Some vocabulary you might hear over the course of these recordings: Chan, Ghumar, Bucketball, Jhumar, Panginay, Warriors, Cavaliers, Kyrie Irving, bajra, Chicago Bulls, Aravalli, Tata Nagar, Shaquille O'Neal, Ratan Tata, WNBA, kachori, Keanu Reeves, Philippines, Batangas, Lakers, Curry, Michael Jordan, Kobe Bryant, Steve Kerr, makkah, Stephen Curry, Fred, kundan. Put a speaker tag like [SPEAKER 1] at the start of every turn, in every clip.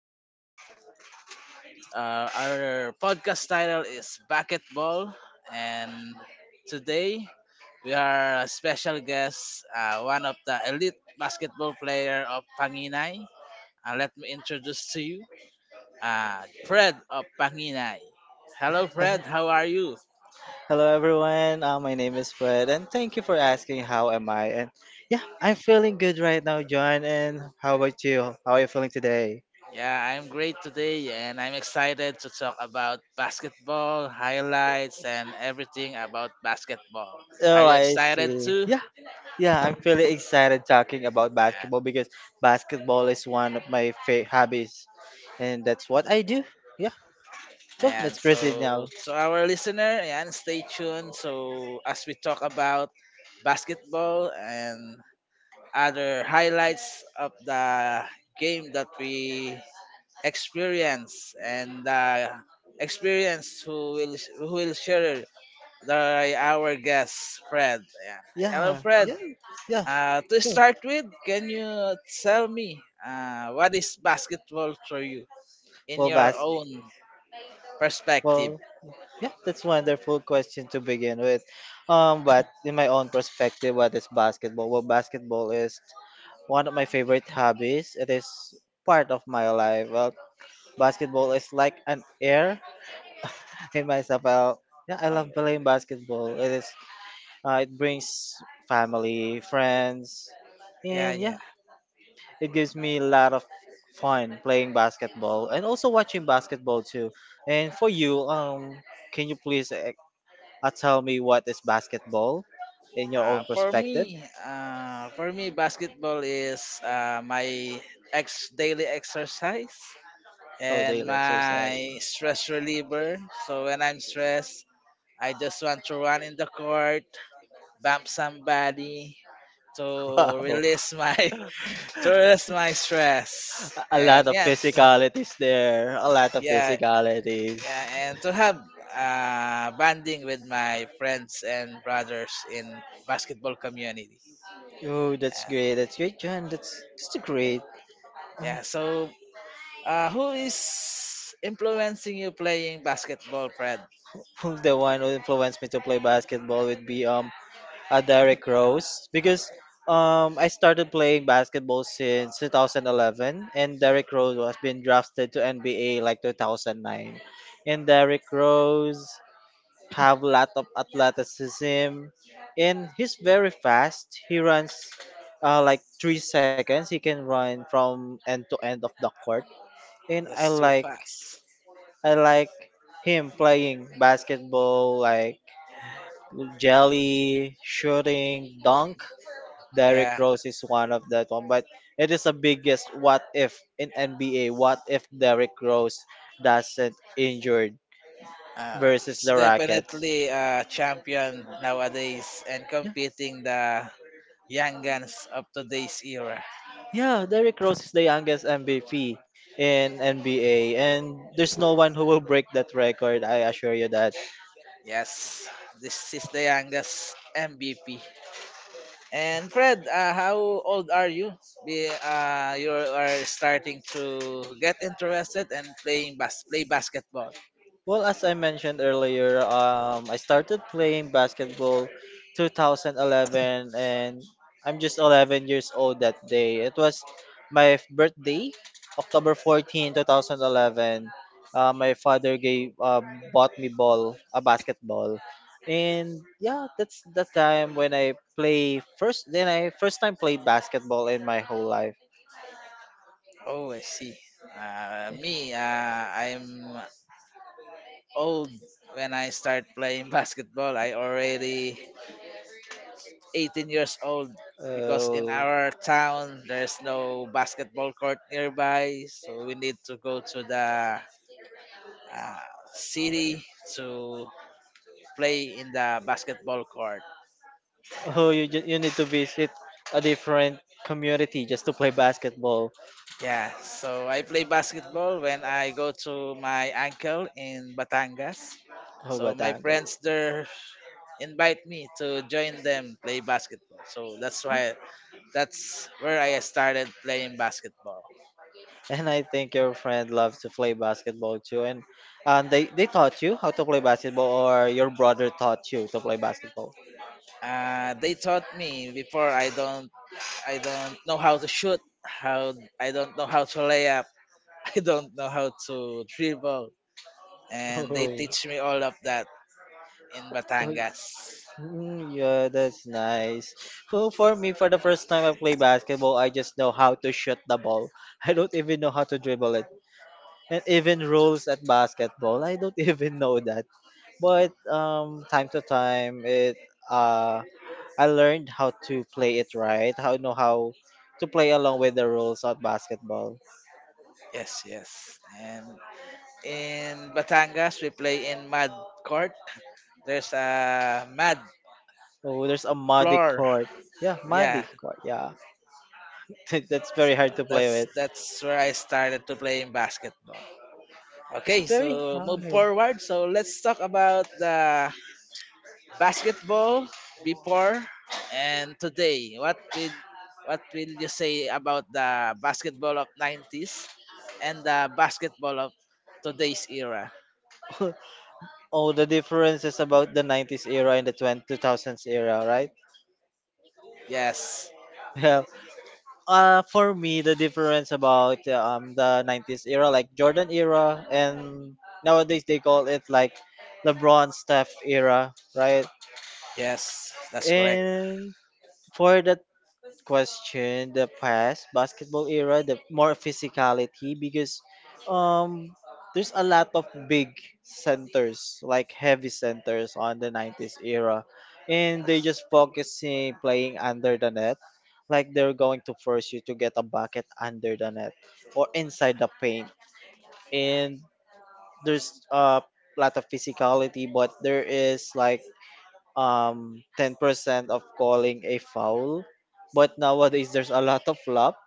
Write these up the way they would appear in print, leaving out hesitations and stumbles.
[SPEAKER 1] Our podcast title is Bucketball. And today, we are a special guest, one of the elite basketball player of Panginay. Let me introduce to you Fred of Panginay. Hello, Fred. How are you?
[SPEAKER 2] Hello everyone. My name is Fred, and thank you for asking. How am I? And yeah, I'm feeling good right now, John. And how about you? How are you feeling today?
[SPEAKER 1] Yeah, I'm great today and I'm excited to talk about basketball, highlights, and everything about basketball. Are
[SPEAKER 2] Oh,
[SPEAKER 1] you
[SPEAKER 2] I
[SPEAKER 1] excited
[SPEAKER 2] see.
[SPEAKER 1] too?
[SPEAKER 2] Yeah, yeah, I'm feeling excited talking about
[SPEAKER 1] Yeah.
[SPEAKER 2] basketball because basketball is one of my hobbies, and that's what I do. Yeah. So
[SPEAKER 1] And
[SPEAKER 2] let's proceed now.
[SPEAKER 1] so our listener, and stay tuned. So, as we talk about basketball and other highlights of the game that we experience and experience, who will share the our guest Fred. Ayan. Hello,
[SPEAKER 2] Yeah,
[SPEAKER 1] Fred.
[SPEAKER 2] yeah, yeah.
[SPEAKER 1] To
[SPEAKER 2] Sure.
[SPEAKER 1] start with, can you tell me what is basketball for you in
[SPEAKER 2] Well,
[SPEAKER 1] your
[SPEAKER 2] bas.
[SPEAKER 1] own perspective?
[SPEAKER 2] Well, yeah, that's wonderful question to begin with. But in my own perspective, what is basketball? Well, basketball is one of my favorite hobbies. It is part of my life. Well, basketball is like an air in myself. Yeah, I
[SPEAKER 1] Uh,
[SPEAKER 2] love playing basketball. It is. It brings family, friends,
[SPEAKER 1] yeah,
[SPEAKER 2] and
[SPEAKER 1] yeah.
[SPEAKER 2] yeah, it gives me a lot of fun playing basketball and also watching basketball too. And for you, can you please tell me what is basketball in your
[SPEAKER 1] Uh,
[SPEAKER 2] own
[SPEAKER 1] for
[SPEAKER 2] perspective?
[SPEAKER 1] me, uh, for me, basketball is my ex daily exercise
[SPEAKER 2] Oh,
[SPEAKER 1] and
[SPEAKER 2] daily exercise.
[SPEAKER 1] my stress reliever. So when I'm stressed, I just want to run in the court, bump somebody, to
[SPEAKER 2] Wow,
[SPEAKER 1] release my to release my stress
[SPEAKER 2] a a lot
[SPEAKER 1] and
[SPEAKER 2] of
[SPEAKER 1] yeah to,
[SPEAKER 2] physicalities there. A lot of
[SPEAKER 1] yeah,
[SPEAKER 2] physicalities.
[SPEAKER 1] yeah, and to have bonding with my friends and brothers in basketball community.
[SPEAKER 2] Oh, that's
[SPEAKER 1] Yeah,
[SPEAKER 2] great. That's great, John. That's just great.
[SPEAKER 1] yeah. So, who is influencing you playing basketball, Fred?
[SPEAKER 2] Oh, the one who influenced me to play basketball would be a Derrick Rose because I started playing basketball since 2011, and Derrick Rose was been drafted to NBA like 2009. And Derrick Rose have a lot of athleticism, and he's very fast. He runs like 3 seconds he can run from end to end of the court, and i
[SPEAKER 1] That's too
[SPEAKER 2] like
[SPEAKER 1] fast.
[SPEAKER 2] i like him playing basketball. Like jelly shooting dunk, Derrick
[SPEAKER 1] Yeah.
[SPEAKER 2] Rose is one of that one. But it is the biggest what if in NBA: what if Derrick Rose doesn't injured
[SPEAKER 1] uh,
[SPEAKER 2] versus
[SPEAKER 1] it's
[SPEAKER 2] the Rockets.
[SPEAKER 1] definitely a champion nowadays and competing the young guns of today's era.
[SPEAKER 2] Yeah, Derrick Rose is the youngest MVP in NBA, and there's no one who will break that record. I assure you that.
[SPEAKER 1] Yes, this is the youngest MVP. And Fred, how old are you? You are starting to get interested and playing play basketball.
[SPEAKER 2] Well, as I mentioned earlier, I started playing basketball 2011, and I'm just 11 years old that day. It was my birthday, October 14, 2011. My father gave bought me ball, a basketball. And yeah, that's the time when I play first, then I first time played basketball in my whole life.
[SPEAKER 1] Oh, I see. Me, I'm old when I start playing basketball. I already 18 years old because in
[SPEAKER 2] So,
[SPEAKER 1] our town there's no basketball court nearby, so we need to go to the uh, city to play in the basketball court.
[SPEAKER 2] oh, you need to visit a different community just to play basketball.
[SPEAKER 1] Yeah, so I play basketball when I go to my uncle in Batangas.
[SPEAKER 2] Oh,
[SPEAKER 1] So my friends
[SPEAKER 2] Batangas.
[SPEAKER 1] there invite me to join them play basketball. So that's where I started playing basketball.
[SPEAKER 2] And I think your friend loves to play basketball too. And they taught you how to play basketball, or your brother taught you to play basketball.
[SPEAKER 1] They taught me before. I don't know how to shoot, how I don't know how to lay up, I don't know how to dribble, and they
[SPEAKER 2] Oh,
[SPEAKER 1] teach me all of that in
[SPEAKER 2] oh,
[SPEAKER 1] Batangas.
[SPEAKER 2] mm, yeah, that's nice. Well, for me, for the first time I play basketball, I just know how to shoot the ball. I don't even know how to dribble it. And even rules at basketball, I don't even know that. But time to time it uh I learned how to play it right, how know how to play along with the rules of basketball.
[SPEAKER 1] Yes, yes. And in Batangas, we play in mud court. There's a mud
[SPEAKER 2] Oh, there's a muddy
[SPEAKER 1] floor.
[SPEAKER 2] court. Yeah, muddy
[SPEAKER 1] Yeah.
[SPEAKER 2] court. Yeah, that's
[SPEAKER 1] So
[SPEAKER 2] very hard to play
[SPEAKER 1] that's
[SPEAKER 2] with.
[SPEAKER 1] that's where I started to playing basketball.
[SPEAKER 2] It's
[SPEAKER 1] Okay,
[SPEAKER 2] very
[SPEAKER 1] so move
[SPEAKER 2] hard.
[SPEAKER 1] forward. So let's talk about the basketball before and today. What will you say about the basketball of 90s and the basketball of today's era?
[SPEAKER 2] Oh, the difference is about the 90s era and the twenty two thousands era, right?
[SPEAKER 1] Yes.
[SPEAKER 2] For me, the difference about the 90s era, like Jordan era, and nowadays they call it like LeBron Steph era, right?
[SPEAKER 1] Yes, that's correct.
[SPEAKER 2] And for the question, the past basketball era, the more physicality, because um there's a lot of big centers, like heavy centers on the 90s era, and they are just focusing playing under the net. Like they're going to force you to get a bucket under the net or inside the paint, and there's a lot of physicality, but there is like 10% of calling a foul. But nowadays there's a lot of flop.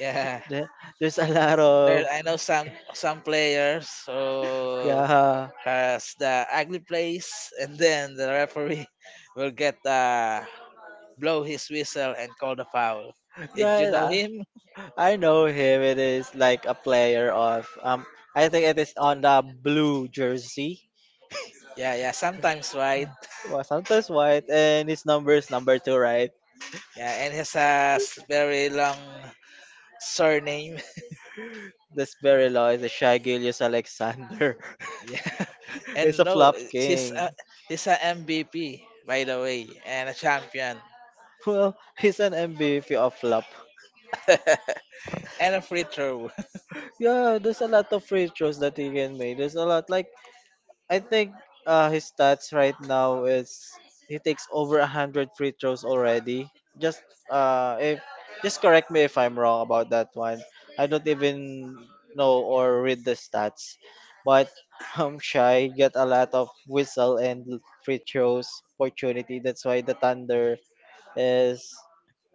[SPEAKER 1] Yeah,
[SPEAKER 2] There- there's a lot
[SPEAKER 1] there
[SPEAKER 2] of,
[SPEAKER 1] I know some players who
[SPEAKER 2] yeah,
[SPEAKER 1] has the ugly plays, and then the referee will get blow his whistle and call the foul. Did you know
[SPEAKER 2] yeah,
[SPEAKER 1] him?
[SPEAKER 2] I I know him. It is like a player of, I think it is on the blue jersey,
[SPEAKER 1] Yeah, yeah. Sometimes, right?
[SPEAKER 2] well, sometimes white, and his number is number two, right?
[SPEAKER 1] Yeah, and he has a very long surname.
[SPEAKER 2] This very low is a Shy Gilius Alexander.
[SPEAKER 1] Yeah,
[SPEAKER 2] He's
[SPEAKER 1] and
[SPEAKER 2] a
[SPEAKER 1] no,
[SPEAKER 2] flop
[SPEAKER 1] he's
[SPEAKER 2] king.
[SPEAKER 1] a he's a MVP by the way, and a champion,
[SPEAKER 2] Well, he's an MVP of flop.
[SPEAKER 1] and a free throw.
[SPEAKER 2] Yeah, there's a lot of free throws that he can make. There's a lot, like, I think his stats right now is he takes over 100 free throws already. Just uh, if just correct me if I'm wrong about that one. I don't even know or read the stats, but Shy get a lot of whistle and free throws opportunity. That's why the Thunder is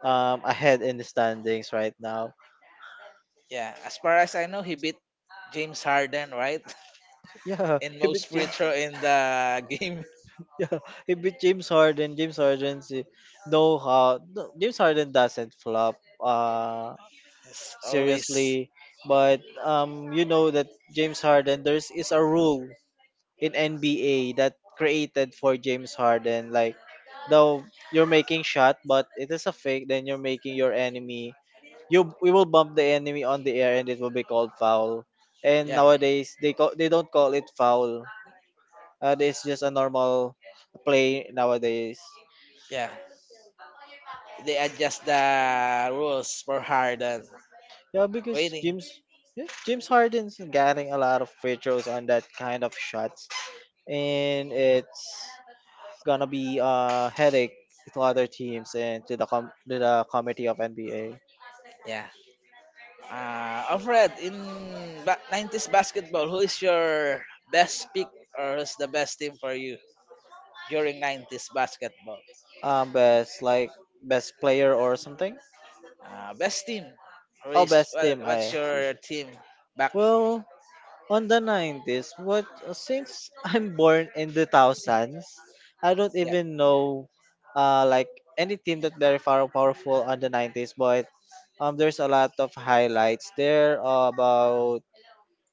[SPEAKER 2] ahead in the standings right now.
[SPEAKER 1] Yeah, as far as I know, he beat James Harden, right?
[SPEAKER 2] Yeah,
[SPEAKER 1] In
[SPEAKER 2] he
[SPEAKER 1] most
[SPEAKER 2] beat
[SPEAKER 1] free
[SPEAKER 2] Jim
[SPEAKER 1] throw in the game.
[SPEAKER 2] Yeah, it beat James Harden. James Harden's no, no, James Harden doesn't flop. Uh,
[SPEAKER 1] It's always,
[SPEAKER 2] Seriously, but you know that James Harden there's is a rule in NBA that created for James Harden. Like, though you're making shot, but it is a fake, then you're making your enemy, you we will bump the enemy on the air, and it will be called foul. And
[SPEAKER 1] yeah,
[SPEAKER 2] nowadays they don't call it foul. It's just a normal play nowadays.
[SPEAKER 1] yeah. They adjust the rules for Harden.
[SPEAKER 2] Yeah, because
[SPEAKER 1] Waiting,
[SPEAKER 2] James Harden's getting a lot of free throws on that kind of shots, and it's gonna be a headache to other teams and to the to the committee of NBA.
[SPEAKER 1] yeah. Alfred, in 90s basketball, who is your best pick or who's the best team for you during 90s basketball?
[SPEAKER 2] Best, like, best player or something.
[SPEAKER 1] Best team?
[SPEAKER 2] Oh, best team.
[SPEAKER 1] What's
[SPEAKER 2] I
[SPEAKER 1] your team back?
[SPEAKER 2] Well, on the 90s, what, since I'm born in the thousands, I don't
[SPEAKER 1] Yeah,
[SPEAKER 2] even know like any team that very far powerful on the 90s. But there's a lot of highlights there about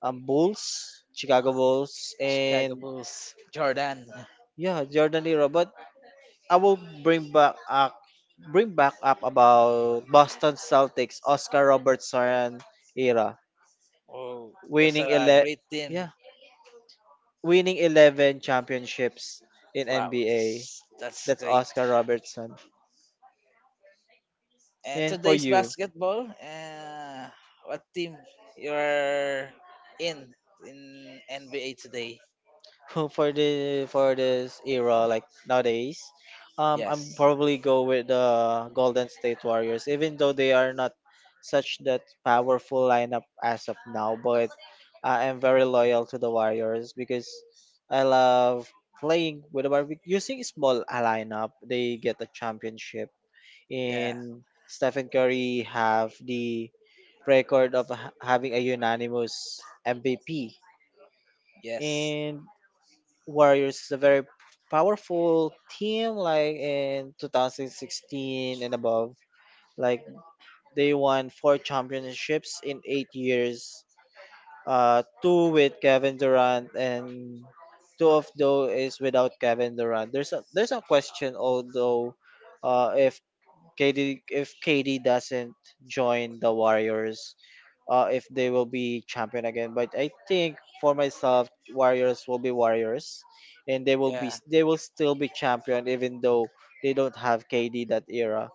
[SPEAKER 2] bulls, Chicago Bulls,
[SPEAKER 1] Chicago
[SPEAKER 2] and
[SPEAKER 1] Bulls, Jordan.
[SPEAKER 2] yeah, Jordan era. But I will bring back up about Boston Celtics, Oscar Robertson era,
[SPEAKER 1] Oh, that's
[SPEAKER 2] winning
[SPEAKER 1] a great team.
[SPEAKER 2] yeah, winning 11 championships in
[SPEAKER 1] Wow,
[SPEAKER 2] NBA.
[SPEAKER 1] that's
[SPEAKER 2] That's
[SPEAKER 1] great.
[SPEAKER 2] Oscar Robertson.
[SPEAKER 1] And
[SPEAKER 2] And for
[SPEAKER 1] today's
[SPEAKER 2] you,
[SPEAKER 1] basketball, what team you're in in NBA today?
[SPEAKER 2] for this era like nowadays, I'm
[SPEAKER 1] Yes,
[SPEAKER 2] probably go with the Golden State Warriors, even though they are not such that powerful lineup as of now. But I am very loyal to the Warriors, because I love playing with the Warriors using small lineup. They get the championship.
[SPEAKER 1] yeah,
[SPEAKER 2] In Stephen Curry, have the record of having a unanimous MVP.
[SPEAKER 1] yes,
[SPEAKER 2] And Warriors is a very powerful team, like in 2016 and above. Like, they won four championships in 8 years, two with Kevin Durant, and two of those is without Kevin Durant. There's a question, although uh, if KD if KD doesn't join the Warriors, if they will be champion again. But I think for myself, Warriors will be Warriors, and they will be
[SPEAKER 1] yeah.
[SPEAKER 2] they will still be champion, even though they don't have KD that era.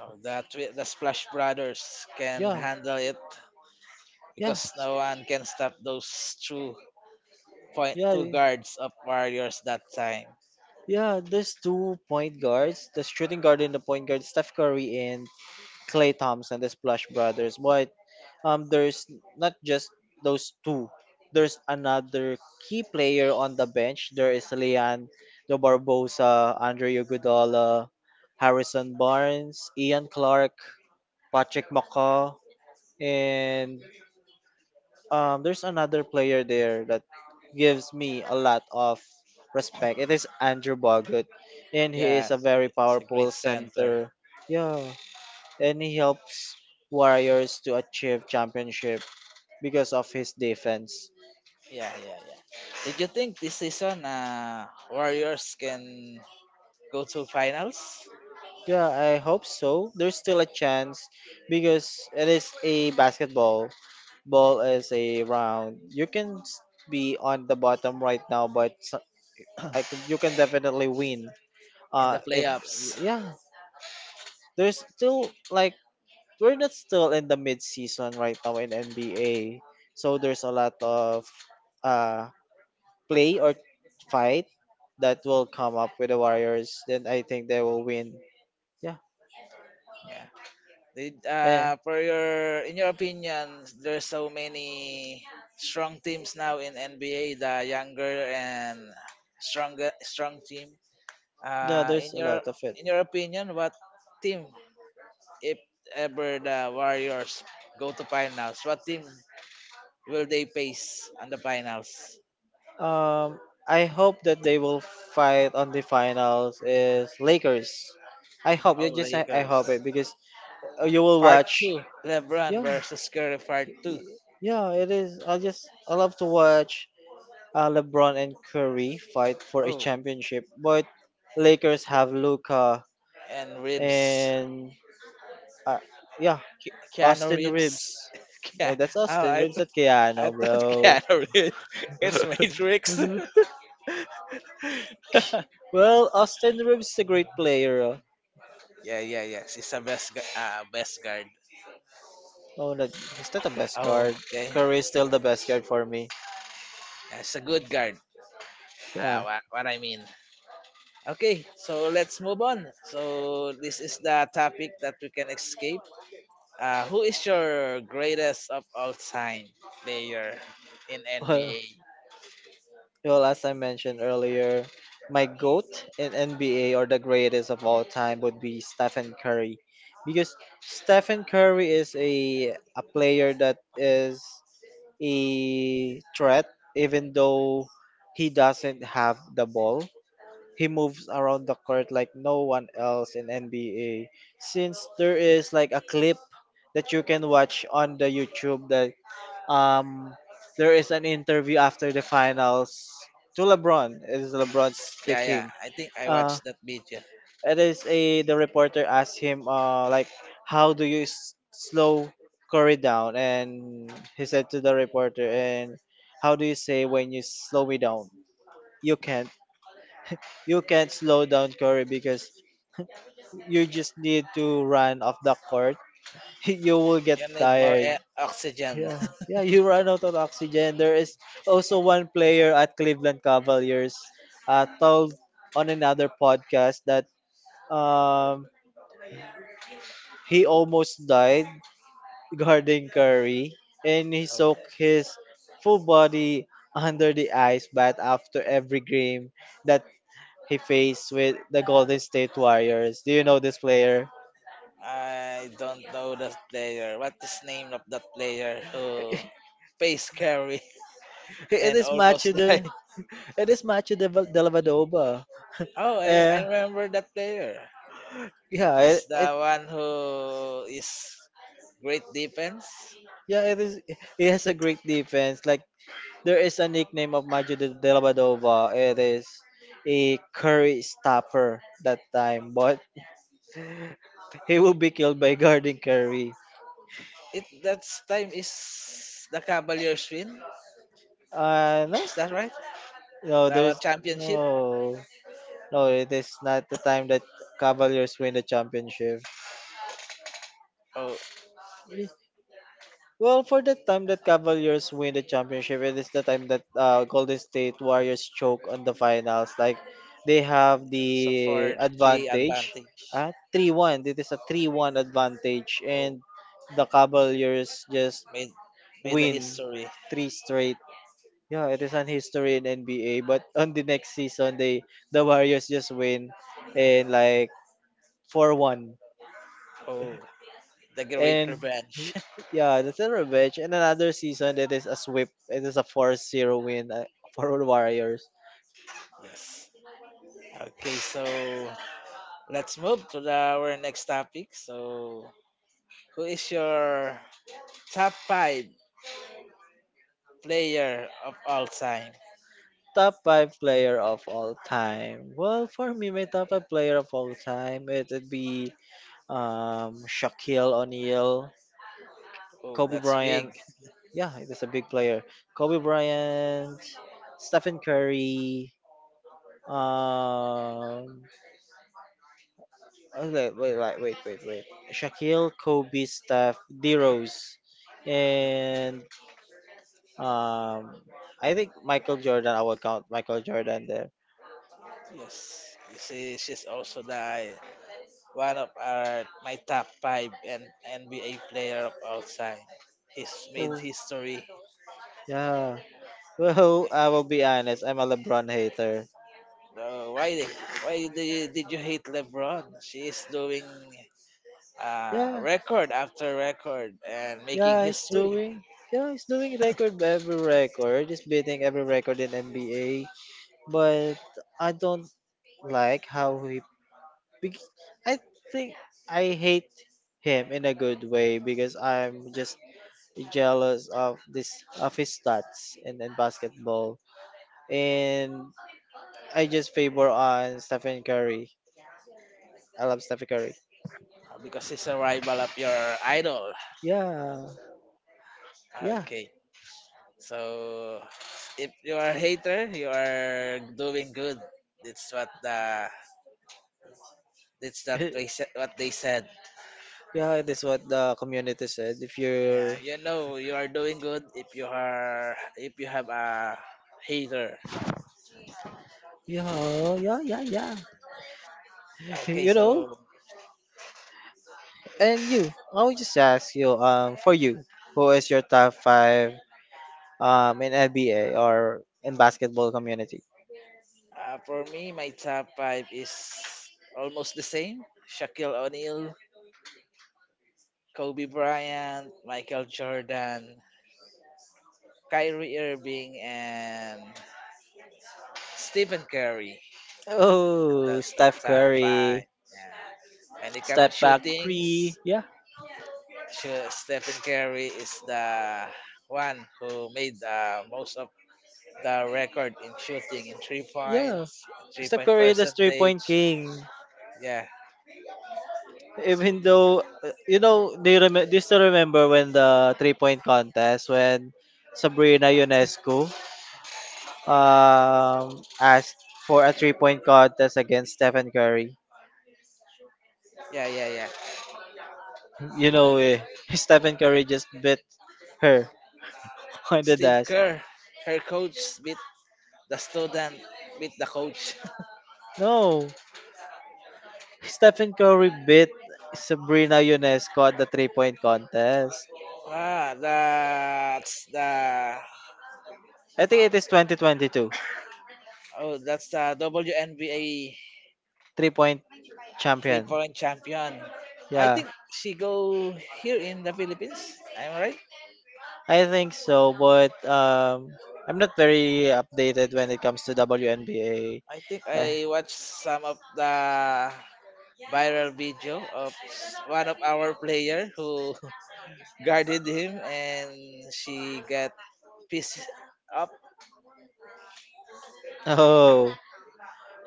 [SPEAKER 1] Oh, the the Splash Brothers can
[SPEAKER 2] Yeah,
[SPEAKER 1] handle it
[SPEAKER 2] yeah,
[SPEAKER 1] because no one can stop those
[SPEAKER 2] yeah,
[SPEAKER 1] two guards of Warriors that time.
[SPEAKER 2] yeah. There's two point guards, the shooting guard and the point guard, Steph Curry and Clay Thompson, the Splash Brothers. But there's not just those two. There's another key player on the bench. There is Leon De Barbosa, Andre Iguodala, Harrison Barnes, Ian Clark, Patrick Maka, and there's another player there that gives me a lot of respect. It is Andrew Bogut, and he
[SPEAKER 1] Yeah,
[SPEAKER 2] is a very
[SPEAKER 1] it's a great
[SPEAKER 2] powerful
[SPEAKER 1] center.
[SPEAKER 2] center. Yeah, and he helps Warriors to achieve championship because of his defense.
[SPEAKER 1] Yeah, yeah, yeah. Did you think this season Warriors can go to finals
[SPEAKER 2] Yeah, I hope so. There's still a chance, because it is a basketball. Ball is a round. You can be on the bottom right now, but you can definitely win.
[SPEAKER 1] in the
[SPEAKER 2] If
[SPEAKER 1] playoffs?
[SPEAKER 2] Yeah, there's still like, we're not still in the mid season right now in NBA, so there's a lot of uh play or fight that will come up with the Warriors. Then I think they will win. Yeah.
[SPEAKER 1] Yeah. Did
[SPEAKER 2] Eh.
[SPEAKER 1] for your in your opinion there's so many strong teams now in NBA, the younger and strong team.
[SPEAKER 2] Yeah, there's
[SPEAKER 1] In
[SPEAKER 2] a
[SPEAKER 1] your
[SPEAKER 2] lot of it.
[SPEAKER 1] opinion, what team if ever the Warriors go to finals, what team will they face on the finals?
[SPEAKER 2] Um, I hope that they will fight on the finals is Lakers.
[SPEAKER 1] Oh,
[SPEAKER 2] I
[SPEAKER 1] Lakers.
[SPEAKER 2] hope it, because you will
[SPEAKER 1] Part
[SPEAKER 2] watch.
[SPEAKER 1] 2, LeBron
[SPEAKER 2] Yeah,
[SPEAKER 1] versus Curry Part 2.
[SPEAKER 2] yeah, it is. I love to watch LeBron and Curry fight for a
[SPEAKER 1] Oh,
[SPEAKER 2] championship. But Lakers have Luca
[SPEAKER 1] and Reeves.
[SPEAKER 2] and uh, yeah,
[SPEAKER 1] Ke- Keanu
[SPEAKER 2] Austin Reeves.
[SPEAKER 1] Reeves. Ke-
[SPEAKER 2] That's
[SPEAKER 1] oh,
[SPEAKER 2] Austin Reeves, not
[SPEAKER 1] I
[SPEAKER 2] Keanu,
[SPEAKER 1] thought
[SPEAKER 2] bro.
[SPEAKER 1] Keanu Reeves. It's Matrix. yeah,
[SPEAKER 2] Well, Austin Reeves is a great player.
[SPEAKER 1] yeah, yes. He's a best guard.
[SPEAKER 2] Oh, that, he's not the best
[SPEAKER 1] Oh,
[SPEAKER 2] guard.
[SPEAKER 1] okay.
[SPEAKER 2] Curry is still the best guard for me.
[SPEAKER 1] That's a good guard.
[SPEAKER 2] Yeah.
[SPEAKER 1] What I mean. Okay, so let's move on. So this is the topic that we can escape. Who is your greatest of all time player in
[SPEAKER 2] Well,
[SPEAKER 1] NBA?
[SPEAKER 2] well, as I mentioned earlier, my GOAT in NBA, or the greatest of all time, would be Stephen Curry. Because Stephen Curry is a player that is a threat, even though he doesn't have the ball. He moves around the court like no one else in NBA, since there is like a clip that you can watch on the YouTube, that um there is an interview after the finals to LeBron. It is LeBron
[SPEAKER 1] Yeah, yeah.
[SPEAKER 2] speaking.
[SPEAKER 1] I think I
[SPEAKER 2] Uh
[SPEAKER 1] watched that video.
[SPEAKER 2] it is a the reporter asked him like, how do you slow Curry down? And he said to the reporter, and how do you say when you slow me down? You can't you can't slow down Curry because you just need to run off the court. You will get
[SPEAKER 1] You need more
[SPEAKER 2] tired.
[SPEAKER 1] air, oxygen.
[SPEAKER 2] Yeah, yeah, you run out of oxygen. There is also one player at Cleveland Cavaliers, told on another podcast that um he almost died guarding Curry, and he
[SPEAKER 1] Oh,
[SPEAKER 2] soaked his full body under the ice bath after every game that he faced with the Golden State Warriors. Do you know this player?
[SPEAKER 1] I don't know the player. What is name of that player who face carry
[SPEAKER 2] It
[SPEAKER 1] and
[SPEAKER 2] is
[SPEAKER 1] almost
[SPEAKER 2] Matthew.
[SPEAKER 1] died?
[SPEAKER 2] It is Macho de, de la Vadova.
[SPEAKER 1] Oh, I
[SPEAKER 2] Eh,
[SPEAKER 1] remember that player.
[SPEAKER 2] yeah, it,
[SPEAKER 1] He's the
[SPEAKER 2] it
[SPEAKER 1] one who is great defense.
[SPEAKER 2] yeah, it is. It has a great defense. Like, there is a nickname of Macho de la Vadova. It is a Curry stopper that time, but he will be killed by guarding Curry.
[SPEAKER 1] It that time is the Cavaliers win.
[SPEAKER 2] No,
[SPEAKER 1] Is that right?
[SPEAKER 2] no,
[SPEAKER 1] The
[SPEAKER 2] there's
[SPEAKER 1] championship.
[SPEAKER 2] no, no. It is not the time that Cavaliers win the championship.
[SPEAKER 1] Oh,
[SPEAKER 2] Well, for the time that Cavaliers win the championship, it is the time that Golden State Warriors choke on the finals. Like, they have
[SPEAKER 1] it's a
[SPEAKER 2] the
[SPEAKER 1] 4-3
[SPEAKER 2] advantage,
[SPEAKER 1] advantage.
[SPEAKER 2] 3-1. It is a 3-1 advantage,
[SPEAKER 1] Oh.
[SPEAKER 2] and the Cavaliers just
[SPEAKER 1] made made the
[SPEAKER 2] win
[SPEAKER 1] history.
[SPEAKER 2] three straight. Yeah, it is an history in NBA. But on the next season, the Warriors just win, and like 4-1.
[SPEAKER 1] Oh, the great
[SPEAKER 2] And
[SPEAKER 1] revenge.
[SPEAKER 2] yeah, that's a revenge. And another season that is a sweep. It is a 4-0 win for the Warriors.
[SPEAKER 1] yes. Okay, so let's move to our next topic. So, who is your top five player of all time?
[SPEAKER 2] Top five player of all time. Well, for me, my top five player of all time, it would be Shaquille O'Neal,
[SPEAKER 1] Oh,
[SPEAKER 2] Kobe
[SPEAKER 1] that's big.
[SPEAKER 2] Bryant. Yeah, it is a big player. Kobe Bryant, Stephen Curry. Um, okay, wait, wait, wait, wait, wait. Shaquille, Kobe, Steph, D Rose, and Um, I think Michael Jordan. I will count Michael Jordan there.
[SPEAKER 1] Yes, you see, she's also the one of our my top five and NBA player of all time. He's made
[SPEAKER 2] Oh,
[SPEAKER 1] history.
[SPEAKER 2] yeah. Well, I will be honest. I'm a LeBron hater.
[SPEAKER 1] Uh, why why did you hate LeBron? She is doing
[SPEAKER 2] Yeah,
[SPEAKER 1] record after record and making
[SPEAKER 2] yeah. He's
[SPEAKER 1] history,
[SPEAKER 2] doing. Yeah, he's doing record by every record. He's beating every record in NBA. But I don't like how he. bec- I think I hate him in a good way because I'm just jealous of this of his stats in basketball. And I just favor on Stephen Curry. I love Stephen Curry.
[SPEAKER 1] because he's a rival of your idol.
[SPEAKER 2] Yeah, yeah,
[SPEAKER 1] Okay, so if you are a hater, you are doing good. That's what the that's that they said what they said.
[SPEAKER 2] yeah. That's what the community said. If
[SPEAKER 1] Yeah,
[SPEAKER 2] you're,
[SPEAKER 1] you know you are doing good if you are if you have a hater.
[SPEAKER 2] yeah, yeah, yeah, yeah.
[SPEAKER 1] Okay,
[SPEAKER 2] You know,
[SPEAKER 1] so
[SPEAKER 2] I would just ask you, for you, who is your top five, in NBA or in basketball community?
[SPEAKER 1] for me, my top five is almost the same: Shaquille O'Neal, Kobe Bryant, Michael Jordan, Kyrie Irving and Stephen Curry.
[SPEAKER 2] Oh,
[SPEAKER 1] That's my
[SPEAKER 2] Steph
[SPEAKER 1] top
[SPEAKER 2] Curry,
[SPEAKER 1] five. Yeah. When it comes to
[SPEAKER 2] step back
[SPEAKER 1] shootings,
[SPEAKER 2] three. Yeah,
[SPEAKER 1] sure, Stephen Curry is the one who made the most of the record in shooting in three
[SPEAKER 2] yeah.
[SPEAKER 1] points, three
[SPEAKER 2] Steph
[SPEAKER 1] point
[SPEAKER 2] Curry, the three
[SPEAKER 1] percentage.
[SPEAKER 2] point king.
[SPEAKER 1] Yeah, so,
[SPEAKER 2] Even though, they you remember still remember when the 3-point contest, when Sabrina Ionescu asked for a 3-point contest against Stephen Curry,
[SPEAKER 1] yeah, yeah, yeah.
[SPEAKER 2] you know eh, Stephen Curry just beat her on the
[SPEAKER 1] Steve
[SPEAKER 2] dash.
[SPEAKER 1] Kerr, her coach beat the student, beat the coach.
[SPEAKER 2] No, Stephen Curry beat Sabrina Ionescu at the 3-point contest.
[SPEAKER 1] ah, that's the
[SPEAKER 2] I think it is 2022
[SPEAKER 1] oh, that's the WNBA
[SPEAKER 2] 3-point
[SPEAKER 1] three
[SPEAKER 2] champion.
[SPEAKER 1] point champion. I
[SPEAKER 2] Yeah,
[SPEAKER 1] think she go here in the Philippines. I'm right.
[SPEAKER 2] I think so, but I'm not very updated when it comes to WNBA.
[SPEAKER 1] I think
[SPEAKER 2] Eh,
[SPEAKER 1] I watched some of the viral video of one of our player who guarded him and she got pissed up.
[SPEAKER 2] Oh,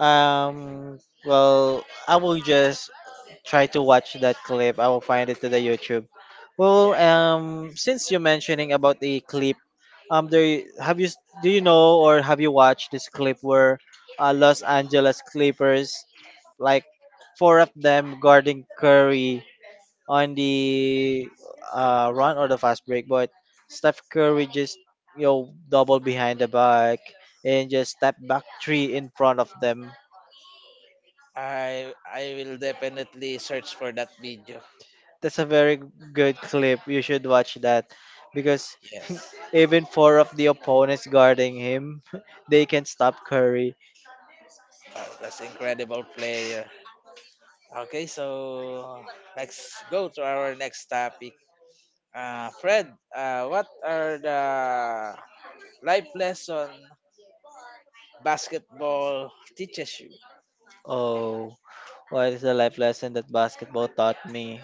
[SPEAKER 2] um, well, I will just try to watch that clip. I will find it to the YouTube. Well,
[SPEAKER 1] Yeah.
[SPEAKER 2] since you're mentioning about the clip, there have you s- do you know or have you watched this clip where Los Angeles Clippers, like, four of them guarding Curry on the run or the fast break, but Steph Curry just double behind the back and just step back three in front of them.
[SPEAKER 1] I will definitely search for that video.
[SPEAKER 2] That's a very good clip. You should watch that because
[SPEAKER 1] Yes.
[SPEAKER 2] even four of the opponents guarding him, they can stop Curry.
[SPEAKER 1] That's incredible player. Okay, so let's go to our next topic. Fred, what are the life lesson basketball teaches you?
[SPEAKER 2] Oh, what is the life lesson that basketball taught me?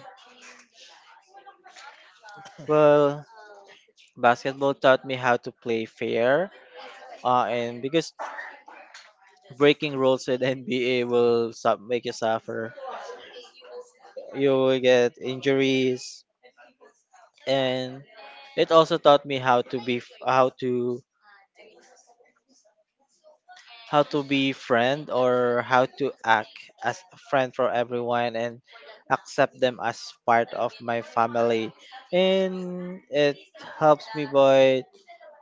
[SPEAKER 2] Well, basketball taught me how to play fair. And because breaking rules in NBA will make you suffer. You will get injuries, and it also taught me how to be friend, or how to act as a friend for everyone and accept them as part of my family. And it helps me by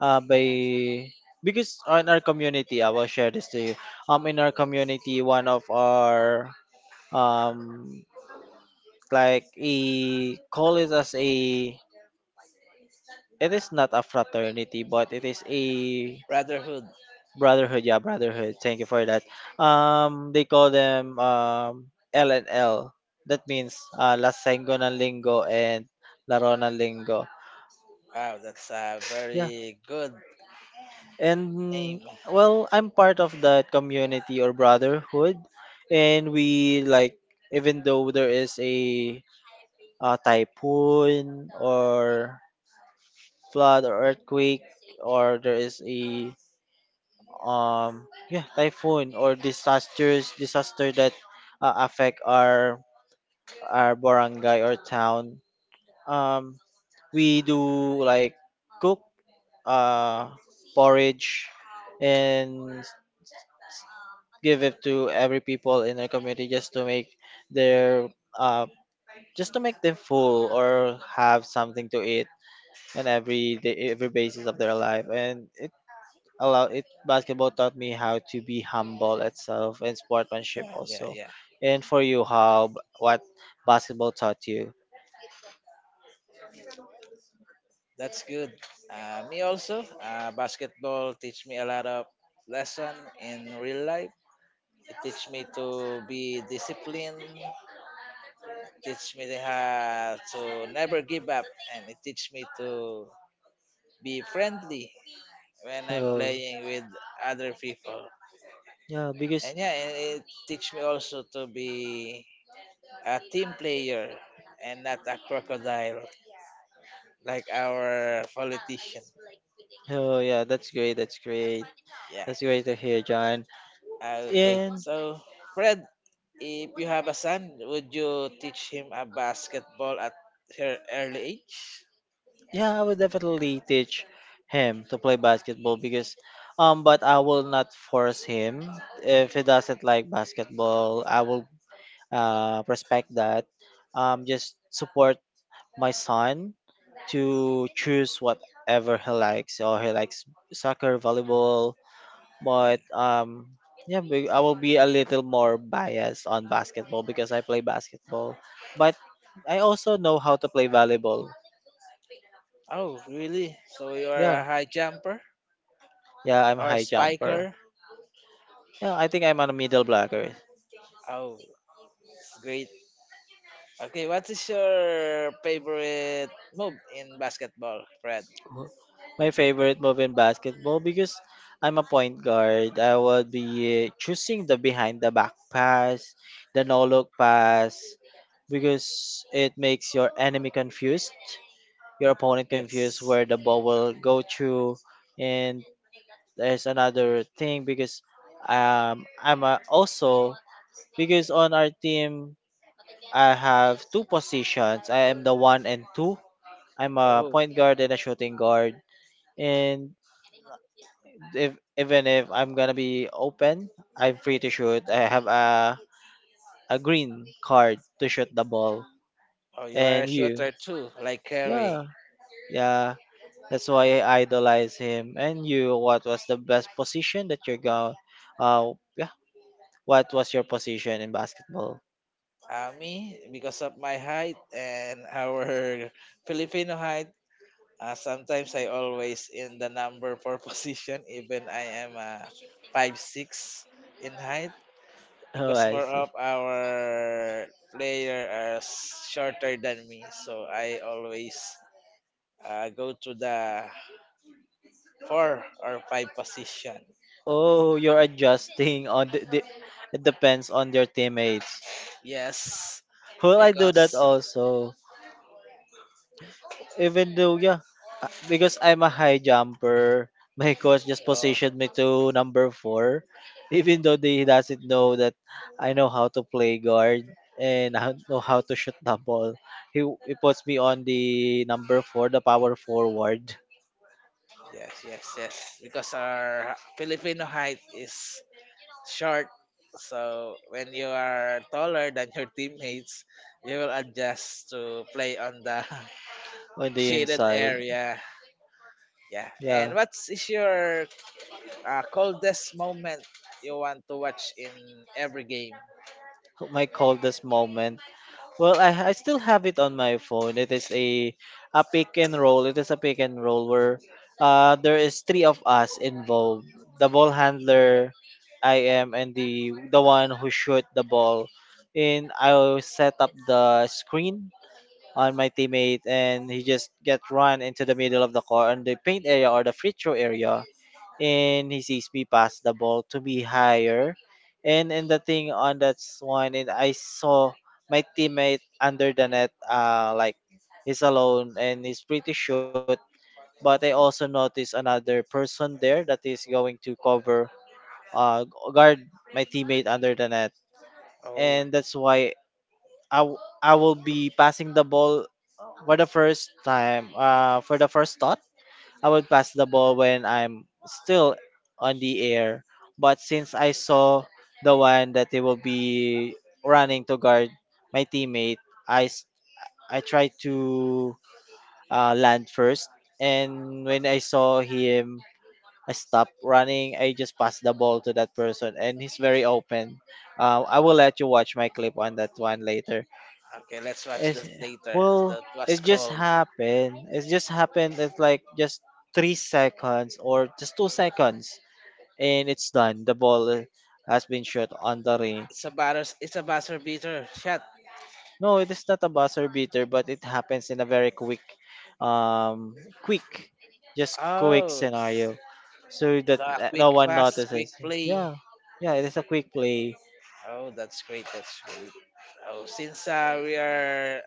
[SPEAKER 2] uh, by because in our community, I will share this to you. In our community, one of our, um like, a, call it as a — it is not a fraternity, but it is a
[SPEAKER 1] Brotherhood.
[SPEAKER 2] brotherhood. Yeah, brotherhood, thank you for that. They call them L&L. That means lasengo ng linggo and laro ng linggo.
[SPEAKER 1] Wow, that's a
[SPEAKER 2] Yeah.
[SPEAKER 1] very good name.
[SPEAKER 2] And well, I'm part of that community or brotherhood, and we, like, even though there is a typhoon or flood or earthquake, or there is a yeah, typhoon or disaster that affect our barangay or town. um we do, like, cook uh porridge and give it to every people in our community, just to make their uh them full or have something to eat on every day, every basis of their life. And allow it, basketball taught me how to be humble itself, and sportsmanship
[SPEAKER 1] Yeah, yeah,
[SPEAKER 2] also.
[SPEAKER 1] yeah.
[SPEAKER 2] And for you, what basketball taught you?
[SPEAKER 1] That's good. Me also. Basketball teach me a lot of lesson in real life. It teach me to be disciplined. It teach me to never give up, and it teach me to be friendly when I'm
[SPEAKER 2] Oh,
[SPEAKER 1] playing with other people.
[SPEAKER 2] yeah, because.
[SPEAKER 1] And yeah, and it teach me also to be a team player and not a crocodile like our politician.
[SPEAKER 2] Oh, yeah, that's great. That's great.
[SPEAKER 1] Yeah.
[SPEAKER 2] That's great to hear, John.
[SPEAKER 1] Okay.
[SPEAKER 2] And
[SPEAKER 1] So, Fred, if you have a son, would you teach him a basketball at her early age?
[SPEAKER 2] yeah, I would definitely teach him to play basketball because, but I will not force him. If he doesn't like basketball, I will respect that, just support my son to choose whatever he likes. Or he likes soccer, volleyball,
[SPEAKER 1] Yeah.
[SPEAKER 2] but yeah, I will be a little more biased on basketball because I play basketball, but I also know how to play volleyball.
[SPEAKER 1] Oh, really? So you are a
[SPEAKER 2] Yeah,
[SPEAKER 1] high jumper
[SPEAKER 2] yeah, I'm a
[SPEAKER 1] or
[SPEAKER 2] high jumper.
[SPEAKER 1] spiker?
[SPEAKER 2] Yeah, I think I'm on a middle blocker.
[SPEAKER 1] Oh, it's great. Okay, what is your favorite move in basketball, Fred?
[SPEAKER 2] My favorite move in basketball, because I'm a point guard, I would be choosing the behind the back pass, the no look pass, because it makes your enemy confused, your opponent confused
[SPEAKER 1] Yes.
[SPEAKER 2] where the ball will go through. And there's another thing, because also, because on our team I have two positions. I am the one and two. I'm a
[SPEAKER 1] Oh,
[SPEAKER 2] point guard and a shooting guard, and if even if I'm gonna be open, I'm pretty sure I have a green card to shoot the ball.
[SPEAKER 1] oh, you are a
[SPEAKER 2] And you,
[SPEAKER 1] shooter too, like Curry.
[SPEAKER 2] yeah, yeah. That's why I idolize him. And you, what was the best position that you're going? Yeah. What was your position in basketball?
[SPEAKER 1] Me, because of my height and our Filipino height, sometimes I always in the number four position, even I am 5'6" in height,
[SPEAKER 2] Oh,
[SPEAKER 1] because
[SPEAKER 2] I
[SPEAKER 1] more
[SPEAKER 2] see.
[SPEAKER 1] of our player are shorter than me, so I always go to the four or five position.
[SPEAKER 2] Oh, you're adjusting, on the it depends on your teammates.
[SPEAKER 1] Yes,
[SPEAKER 2] Well, I do that
[SPEAKER 1] because
[SPEAKER 2] also. Even though, yeah. Because I'm a high jumper, my coach just
[SPEAKER 1] oh,
[SPEAKER 2] positioned me to No. 4, even though he doesn't know that I know how to play guard and I know how to shoot the ball. He puts me on the No. 4, the power forward
[SPEAKER 1] yes, yes, yes. Because our Filipino height is short, so when you are taller than your teammates, you will adjust to play on the
[SPEAKER 2] on the
[SPEAKER 1] shaded
[SPEAKER 2] inside.
[SPEAKER 1] area. Yeah.
[SPEAKER 2] Yeah,
[SPEAKER 1] And what is your coldest moment you want to watch in every game?
[SPEAKER 2] my coldest moment. Well, I still have it on my phone. It is a pick and roll. It is a pick and roll where there is three of us involved. The ball handler, I am, and the one who shoot the ball. And I will set up the screen on my teammate, and he just get run into the middle of the court on the paint area or the free throw area, and he sees me pass the ball to me higher. And the thing on that one, and I saw my teammate under the net, like, he's alone and he's pretty short. But I also noticed another person there that is going to cover, uh, guard my teammate under the net,
[SPEAKER 1] Oh,
[SPEAKER 2] and that's why I will be passing the ball. For the first time, for the first thought, I would pass the ball when I'm still on the air. But since I saw the one that they will be running to guard my teammate, I, s- I tried to land first. And when I saw him, I stop running, I just pass the ball to that person. And he's very open. I will let you watch my clip on that one later.
[SPEAKER 1] okay. Let's watch
[SPEAKER 2] It's
[SPEAKER 1] this later.
[SPEAKER 2] well,
[SPEAKER 1] That
[SPEAKER 2] it
[SPEAKER 1] was
[SPEAKER 2] just
[SPEAKER 1] cold.
[SPEAKER 2] happened. It just happened. It's like just 3 seconds or just 2 seconds, and it's done. The ball has been shot on the ring.
[SPEAKER 1] It's a batter. It's a buzzer beater shot.
[SPEAKER 2] No, it is not a buzzer beater, but it happens in a very um, quick, just quick
[SPEAKER 1] Oh,
[SPEAKER 2] scenario, so that
[SPEAKER 1] the
[SPEAKER 2] no
[SPEAKER 1] quick
[SPEAKER 2] one
[SPEAKER 1] fast, quick
[SPEAKER 2] notices.
[SPEAKER 1] play.
[SPEAKER 2] Yeah. Yeah, it is a quick play.
[SPEAKER 1] Oh, that's great. That's great. Oh, since we are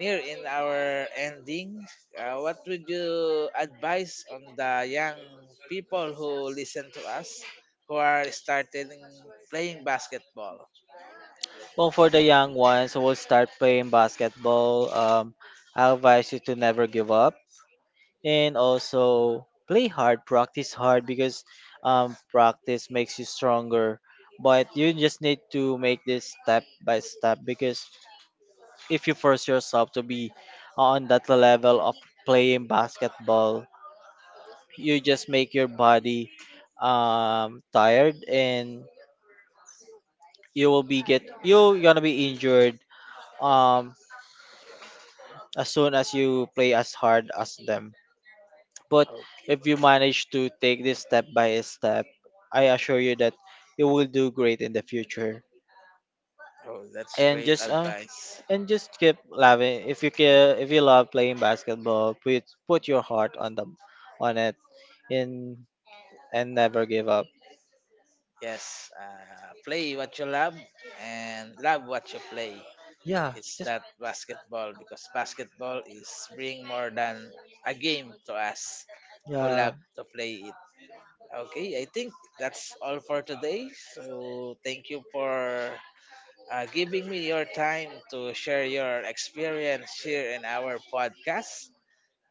[SPEAKER 1] near in our ending, what would you advise on the young people who listen to us, who are starting playing basketball?
[SPEAKER 2] Well, for the young ones who will start playing basketball, I advise you to never give up and also play hard, practice hard, because practice makes you stronger. But you just need to make this step by step because if you force yourself to be on that level of playing basketball, you just make your body tired, and you're gonna be injured um, as soon as you play as hard as them. But if you
[SPEAKER 1] Okay.
[SPEAKER 2] manage to take this step by step, I assure you that you will do great in the future.
[SPEAKER 1] Oh, that's
[SPEAKER 2] And
[SPEAKER 1] great
[SPEAKER 2] just uh,
[SPEAKER 1] advice.
[SPEAKER 2] and just keep loving. If you care, if you love playing basketball, put your heart on it, and and never give up.
[SPEAKER 1] Yes, play what you love and love what you play.
[SPEAKER 2] Yeah,
[SPEAKER 1] It's
[SPEAKER 2] just
[SPEAKER 1] not basketball because basketball is bring more than a game to us who
[SPEAKER 2] yeah.
[SPEAKER 1] love to play it. Okay, I think that's all for today. So thank you for giving me your time to share your experience here in our podcast.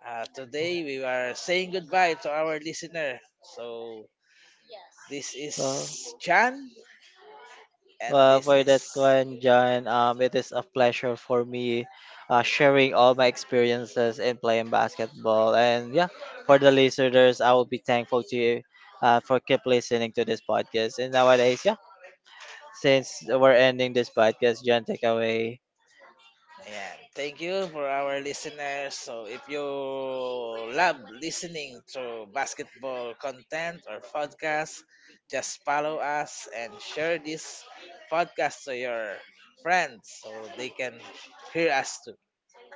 [SPEAKER 1] Today we are saying goodbye to our listener. So this
[SPEAKER 2] Well.
[SPEAKER 1] is Chan, and
[SPEAKER 2] Well,
[SPEAKER 1] this
[SPEAKER 2] for
[SPEAKER 1] is
[SPEAKER 2] that one, John, it is a pleasure for me sharing all my experiences in playing basketball. And yeah, for the listeners, I will be thankful to you for keep listening to this podcast. And nowadays, yeah, since
[SPEAKER 1] yeah,
[SPEAKER 2] we're ending this podcast, John, take away.
[SPEAKER 1] yeah, thank you for our listeners. So, if you love listening to basketball content or podcasts, just follow us and share this podcast to your friends so they can hear us too.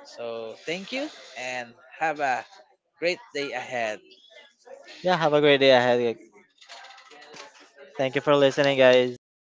[SPEAKER 1] So, thank you and have a great day ahead.
[SPEAKER 2] Yeah, have a great day ahead. Thank you for listening, guys.